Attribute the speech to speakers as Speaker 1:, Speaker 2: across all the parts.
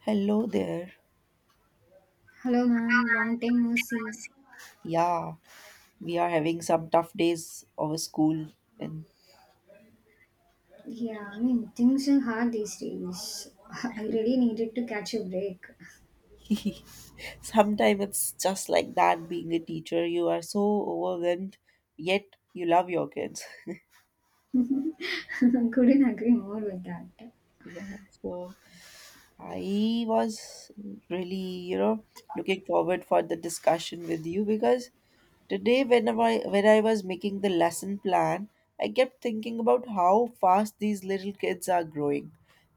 Speaker 1: Hello there.
Speaker 2: Hello, man. Long time no see.
Speaker 1: Yeah, we are having some tough days of school, and
Speaker 2: Yeah, I mean, things are hard these days. I really needed to catch a break.
Speaker 1: sometimes it's just like that being a teacher. You are so overwhelmed, yet you love your kids.
Speaker 2: Couldn't agree more with that.
Speaker 1: Yeah, so I was really, looking forward for the discussion with you because today when I was making the lesson plan, I kept thinking about how fast these little kids are growing.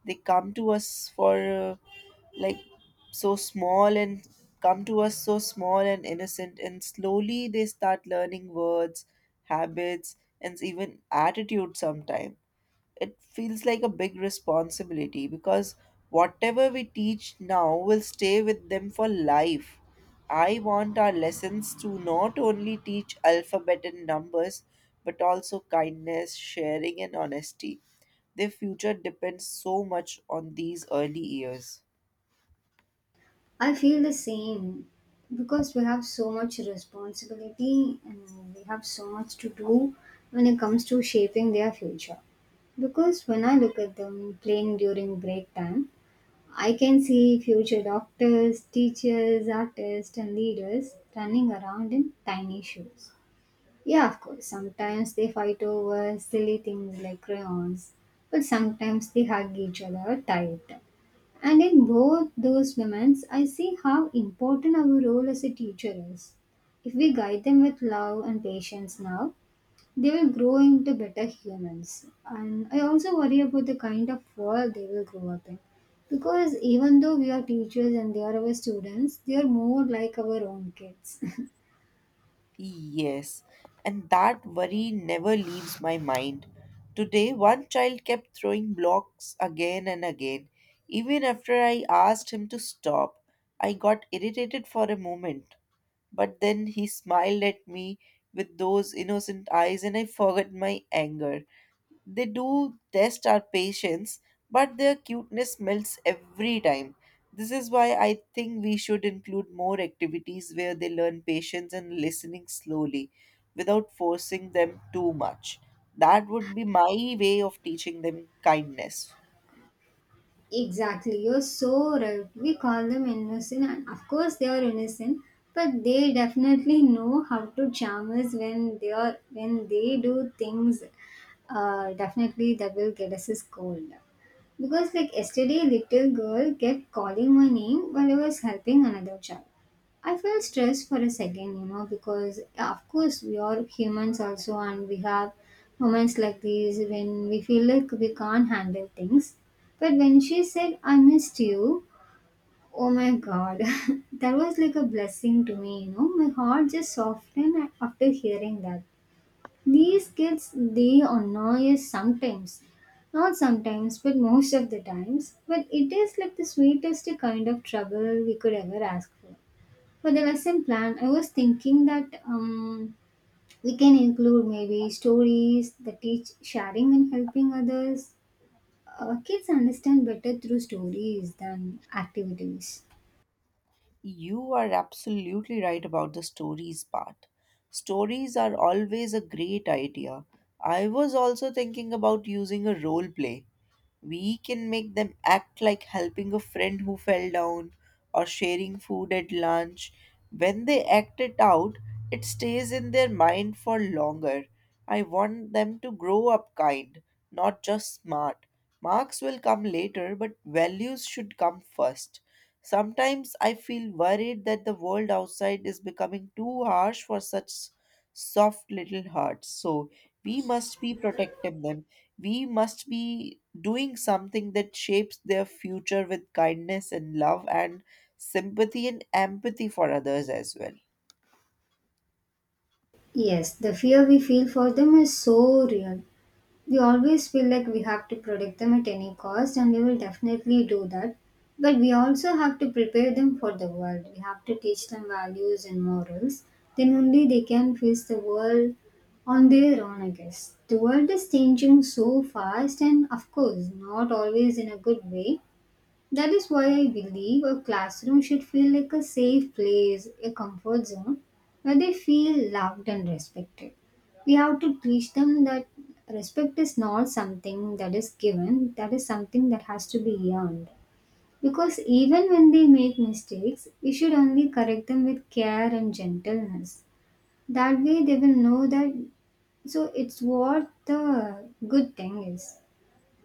Speaker 1: They come to us for like so small and come to us so small and innocent and slowly they start learning words, habits and even attitude sometime. It feels like a big responsibility because whatever we teach now will stay with them for life. I want our lessons to not only teach alphabet and numbers, but also kindness, sharing, and honesty. Their future depends so much on these early years.
Speaker 2: I feel the same because we have so much responsibility and we have so much to do when it comes to shaping their future. Because when I look at them playing during break time, I can see future doctors, teachers, artists, and leaders running around in tiny shoes. Yeah, of course. Sometimes they fight over silly things like crayons, but sometimes they hug each other tight. And in both those moments, I see how important our role as a teacher is. If we guide them with love and patience now, they will grow into better humans. And I also worry about the kind of world they will grow up in. Because even though we are teachers and they are our students, they are more like our own kids.
Speaker 1: Yes, and that worry never leaves my mind. Today, one child kept throwing blocks again and again. Even after I asked him to stop, I got irritated for a moment. But then he smiled at me with those innocent eyes, and I forgot my anger. They do test our patience, but their cuteness melts every time. This is why I think we should include more activities where they learn patience and listening slowly without forcing them too much. That would be my way of teaching them kindness.
Speaker 2: Exactly, you're so right. We call them innocent, and of course they are innocent, but they definitely know how to charm us when they do things. Definitely that will get us a scold. Because like yesterday, a little girl kept calling my name while I was helping another child. I felt stressed for a second, because yeah, of course we are humans also, and we have moments like these when we feel like we can't handle things. But when she said, I missed you, oh my god, that was like a blessing to me. My heart just softened after hearing that. These kids, they annoy us sometimes. Not sometimes, but most of the times. But it is like the sweetest kind of trouble we could ever ask for. For the lesson plan, I was thinking that we can include maybe stories that teach sharing and helping others. Kids understand better through stories than activities.
Speaker 1: You are absolutely right about the stories part. Stories are always a great idea. I was also thinking about using a role play. We can make them act like helping a friend who fell down or sharing food at lunch. When they act it out, it stays in their mind for longer. I want them to grow up kind, not just smart. Marks will come later, but values should come first. Sometimes I feel worried that the world outside is becoming too harsh for such soft little hearts. So we must be protecting them we must be doing something that shapes their future with kindness and love and sympathy and empathy for others as well.
Speaker 2: Yes, the fear we feel for them is so real. We always feel like we have to protect them at any cost, and we will definitely do that. But we also have to prepare them for the world. We have to teach them values and morals. Then only they can face the world on their own, I guess. The world is changing so fast, and of course, not always in a good way. That is why I believe a classroom should feel like a safe place, a comfort zone where they feel loved and respected. We have to teach them that respect is not something that is given, that is something that has to be earned. Because even when they make mistakes, we should only correct them with care and gentleness. That way they will know that so it's what the good thing is.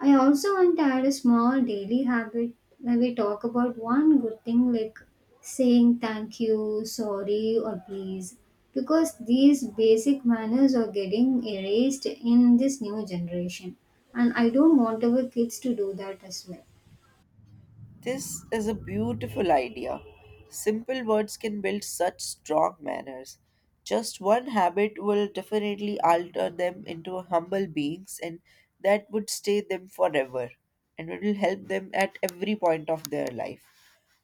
Speaker 2: I also want to add a small daily habit where we talk about one good thing like saying thank you, sorry, or please, because these basic manners are getting erased in this new generation. And I don't want our kids to do that as well.
Speaker 1: This is a beautiful idea. Simple words can build such strong manners. Just one habit will definitely alter them into humble beings, and that would stay them forever and it will help them at every point of their life.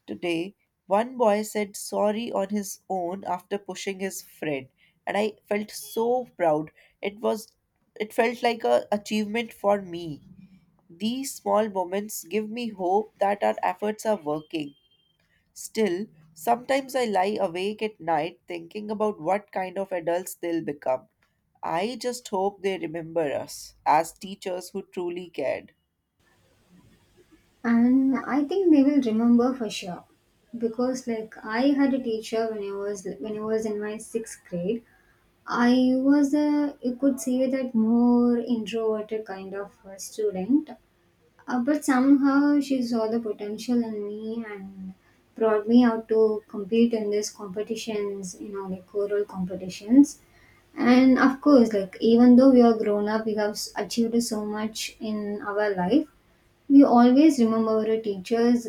Speaker 1: Today, one boy said sorry on his own after pushing his friend, and I felt so proud. It was it felt like a achievement for me. These small moments give me hope that our efforts are working. Still, sometimes I lie awake at night thinking about what kind of adults they'll become. I just hope they remember us as teachers who truly cared.
Speaker 2: And I think they will remember for sure because like I had a teacher when I was in my sixth grade. I was a you could say that more introverted kind of a student. But somehow she saw the potential in me and brought me out to compete in these competitions, like choral competitions. And of course, like even though we are grown up, we have achieved so much in our life. We always remember our teachers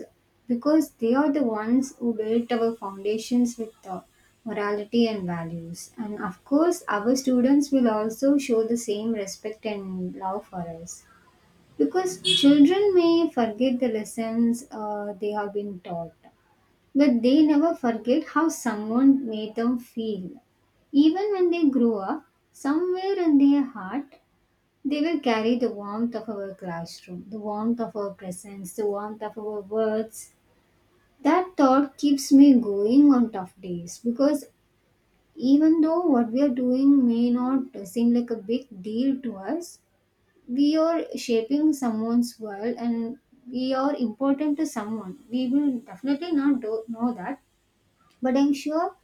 Speaker 2: because they are the ones who built our foundations with the morality and values. And of course, our students will also show the same respect and love for us. Because children may forget the lessons they have been taught, but they never forget how someone made them feel. Even when they grow up, somewhere in their heart, they will carry the warmth of our classroom, the warmth of our presence, the warmth of our words. That thought keeps me going on tough days because even though what we are doing may not seem like a big deal to us, we are shaping someone's world, and we are important to someone. We will definitely not do, know that, but I'm sure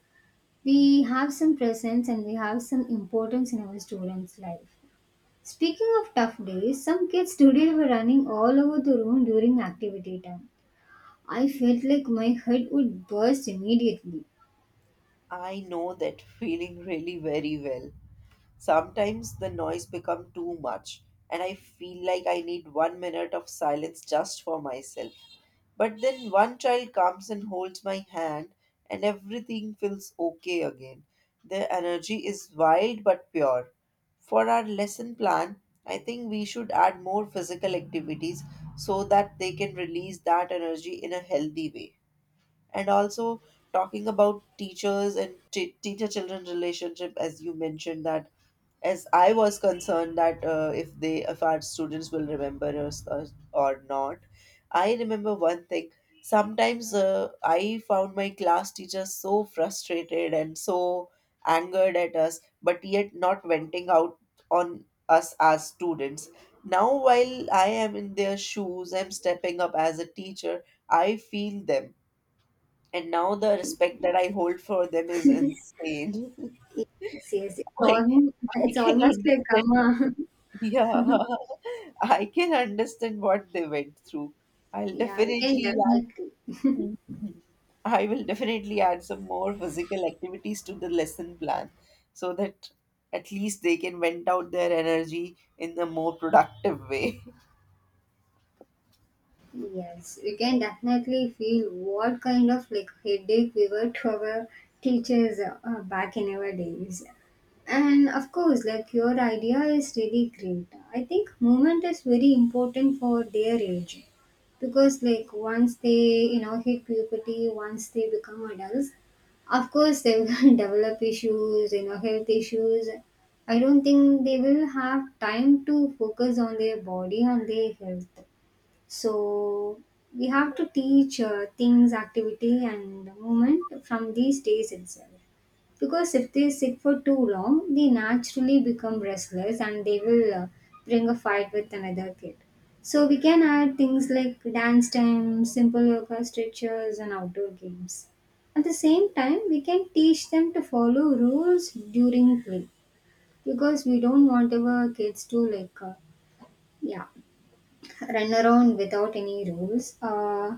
Speaker 2: we have some presence and we have some importance in our students life. Speaking of tough days, some kids today were running all over the room during activity time. I felt like my head would burst immediately.
Speaker 1: I know that feeling really very well. Sometimes the noise become too much and I feel like I need 1 minute of silence just for myself. But then one child comes and holds my hand, and everything feels okay again. The energy is wild but pure. For our lesson plan, I think we should add more physical activities so that they can release that energy in a healthy way. And also, talking about teachers and teacher children relationship, as you mentioned, that as I was concerned that if our students will remember us or not. I remember one thing. Sometimes I found my class teacher so frustrated and so angered at us, but yet not venting out on us as students. Now, while I am in their shoes, I'm stepping up as a teacher. I feel them, and now the respect that I hold for them is insane.
Speaker 2: Seriously, it's
Speaker 1: I
Speaker 2: almost,
Speaker 1: I
Speaker 2: it's
Speaker 1: can
Speaker 2: almost like
Speaker 1: understand
Speaker 2: karma.
Speaker 1: yeah, I can understand what they went through. I'll
Speaker 2: Yeah, we can
Speaker 1: definitely add,
Speaker 2: definitely.
Speaker 1: Mhm. I will definitely add some more physical activities to the lesson plan so that at least they can vent out their energy in a more productive way.
Speaker 2: Yes, you can definitely feel what kind of like headache we were to our teachers, back in our days. And of course, like your idea is really great. I think movement is very important for their age because like once they hit puberty, once they become adults, of course they will develop issues, health issues. I don't think they will have time to focus on their body, on their health, so we have to teach things, activity, and movement from these days itself. Because if they sit for too long, they naturally become restless and they will bring a fight with another kid. So we can add things like dance time, simple yoga stretches, and outdoor games. At the same time, we can teach them to follow rules during play because we don't want our kids to like, yeah, run around without any rules,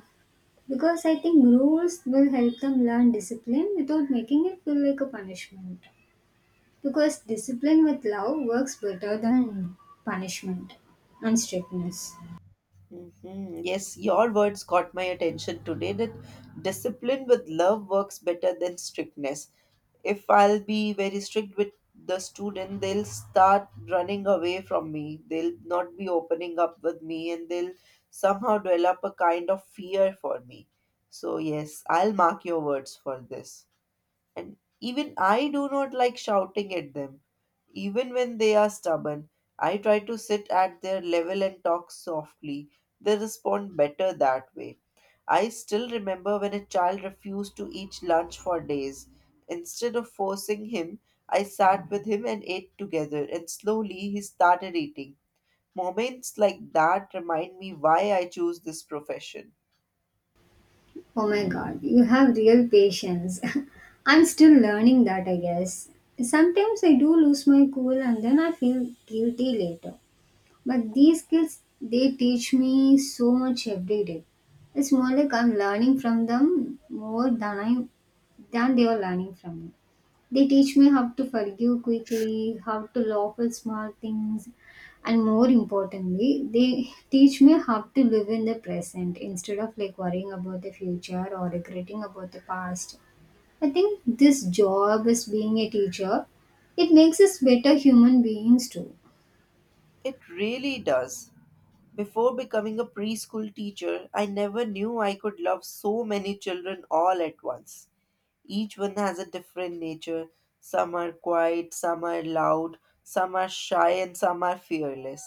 Speaker 2: because I think rules will help them learn discipline without making it feel like a punishment. Because discipline with love works better than punishment and strictness.
Speaker 1: Yes, your words caught my attention today that discipline with love works better than strictness. If I'll be very strict with the student, they'll start running away from me. They'll not be opening up with me and they'll somehow develop a kind of fear for me. So, yes, I'll mark your words for this. And even I do not like shouting at them. Even when they are stubborn, I try to sit at their level and talk softly. They respond better that way. I still remember when a child refused to eat lunch for days. Instead of forcing him, I sat with him and ate together, and slowly he started eating. Moments like that remind me why I choose this profession.
Speaker 2: Oh my god, you have real patience. I'm still learning that, I guess. Sometimes I do lose my cool and then I feel guilty later. But these skills, they teach me so much every day. It's more like I'm learning from them more than they are learning from me. They teach me how to forgive quickly, how to laugh at small things, and more importantly, they teach me how to live in the present instead of like worrying about the future or regretting about the past. I think this job as being a teacher, it makes us better human beings too.
Speaker 1: It really does. Before becoming a preschool teacher, I never knew I could love so many children all at once. Each one has a different nature. Some are quiet, some are loud, some are shy, and some are fearless.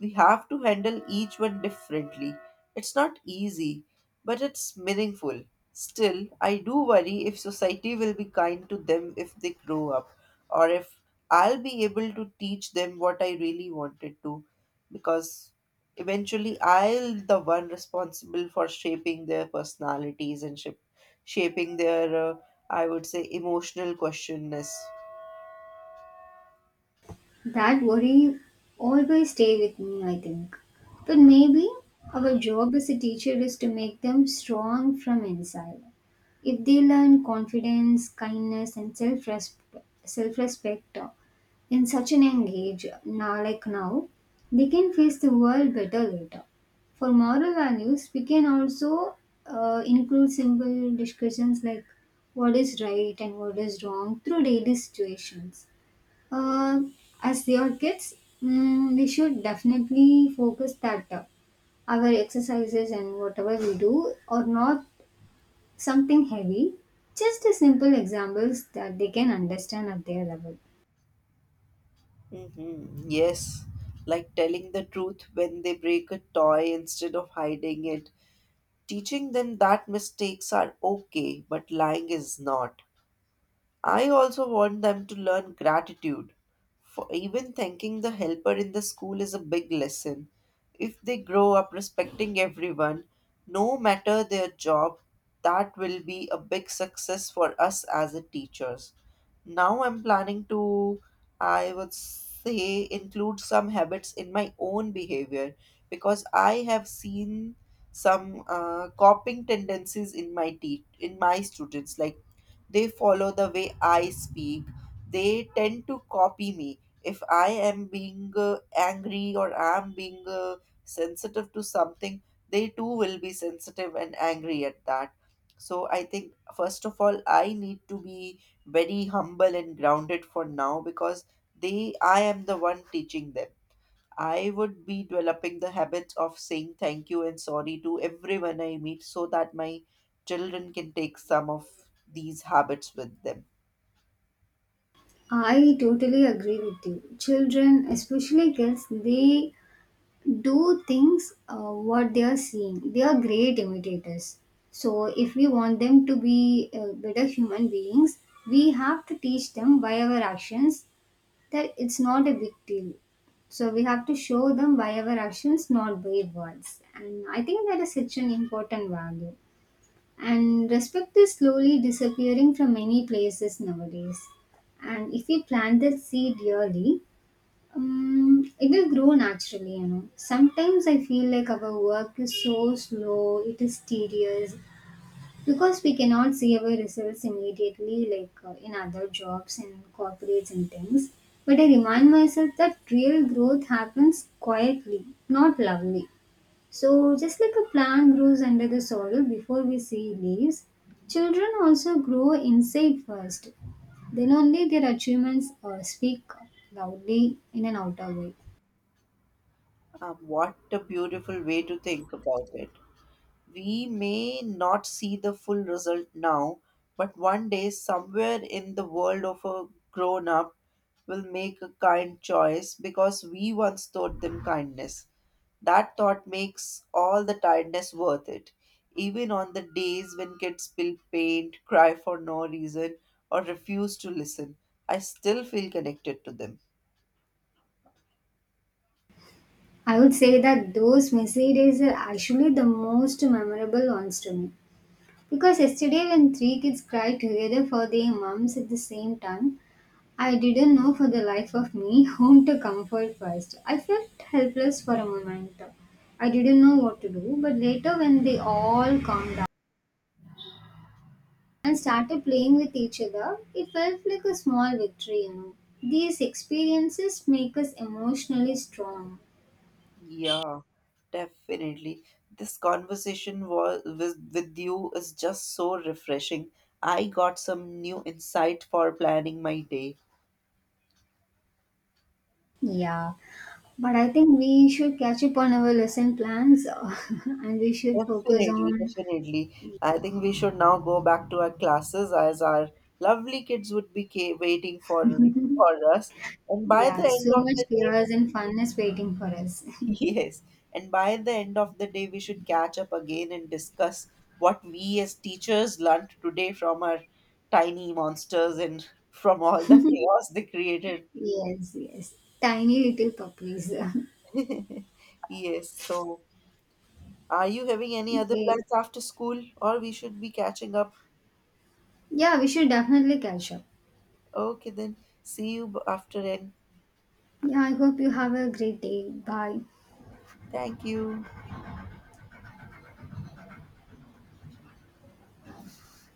Speaker 1: We have to handle each one differently. It's not easy, but it's meaningful. Still, I do worry if society will be kind to them if they grow up, or if I'll be able to teach them what I really wanted to, because eventually I'll the one responsible for shaping their personalities and shaping their I would say emotional questionness.
Speaker 2: That worry always stay with me, I think. But maybe our job as a teacher is to make them strong from inside. If they learn confidence, kindness, and self-respect, in such an young age, now like now, they can face the world better later. For moral values, we can also include simple discussions like what is right and what is wrong through daily situations. Uh, as their kids, we should definitely focus that our exercises and whatever we do are not something heavy, just a simple examples that they can understand at their level.
Speaker 1: Yes, like telling the truth when they break a toy instead of hiding it, teaching them that mistakes are okay, but lying is not. I also want them to learn gratitude. For even thanking the helper in the school is a big lesson. If they grow up respecting everyone, no matter their job, that will be a big success for us as a teachers. Now I'm planning to, I would say, include some habits in my own behavior because I have seen some copying tendencies in my students. Like they follow the way I speak. They tend to copy me. If I am being angry or I am being sensitive to something, they too will be sensitive and angry at that. So I think, first of all, I need to be very humble and grounded for now because I am the one teaching them. I would be developing the habits of saying thank you and sorry to everyone I meet so that my children can take some of these habits with them.
Speaker 2: I totally agree with you. Children, especially kids, they do things, what they are seeing. They are great imitators. So, if we want them to be better human beings, we have to teach them by our actions that it's not a big deal. So we have to show them by our actions, not by words. And I think that is such an important value. And respect is slowly disappearing from many places nowadays. And if we plant that seed early, it will grow naturally. Sometimes I feel like our work is so slow, it is tedious, because we cannot see our results immediately, like in other jobs and corporates and things. But I remind myself that real growth happens quietly, not loudly. So, just like a plant grows under the soil before we see leaves, children also grow inside first. Then only their achievements speak loudly in an outer way.
Speaker 1: What a beautiful way to think about it. We may not see the full result now, but one day, somewhere in the world of a grown up, will make a kind choice because we once taught them kindness. That thought makes all the tiredness worth it, even on the days when kids spill paint, cry for no reason, or refuse to listen. I still feel connected to them.
Speaker 2: I would say that those messy days are actually the most memorable ones to me. Because yesterday, when three kids cried together for their moms at the same time, I didn't know for the life of me whom to comfort first. I felt helpless for a moment. I didn't know what to do, but later, when they all calmed down and started playing with each other, it felt like a small victory. These experiences make us emotionally strong.
Speaker 1: Yeah, definitely. This conversation was with you is just so refreshing. I got some new insight for planning my day.
Speaker 2: Yeah, but I think we should catch up on our lesson plans and we should focus
Speaker 1: Definitely,
Speaker 2: on.
Speaker 1: definitely. I think we should now go back to our classes as our lovely kids would be waiting for us. And by the
Speaker 2: Yeah,
Speaker 1: end
Speaker 2: so
Speaker 1: of
Speaker 2: much
Speaker 1: the day,
Speaker 2: chaos and fun is waiting for us.
Speaker 1: yes, and by the end of the day, we should catch up again and discuss what we as teachers learnt today from our tiny monsters and from all the chaos they created.
Speaker 2: Yes, yes. Tiny little puppies.
Speaker 1: Yes, so are you having any other
Speaker 2: Okay.
Speaker 1: plans after school, or we should be catching up.
Speaker 2: Yeah, we should definitely catch up.
Speaker 1: Okay, then see you after end.
Speaker 2: Yeah, I hope you have a great day. Bye.
Speaker 1: Thank you.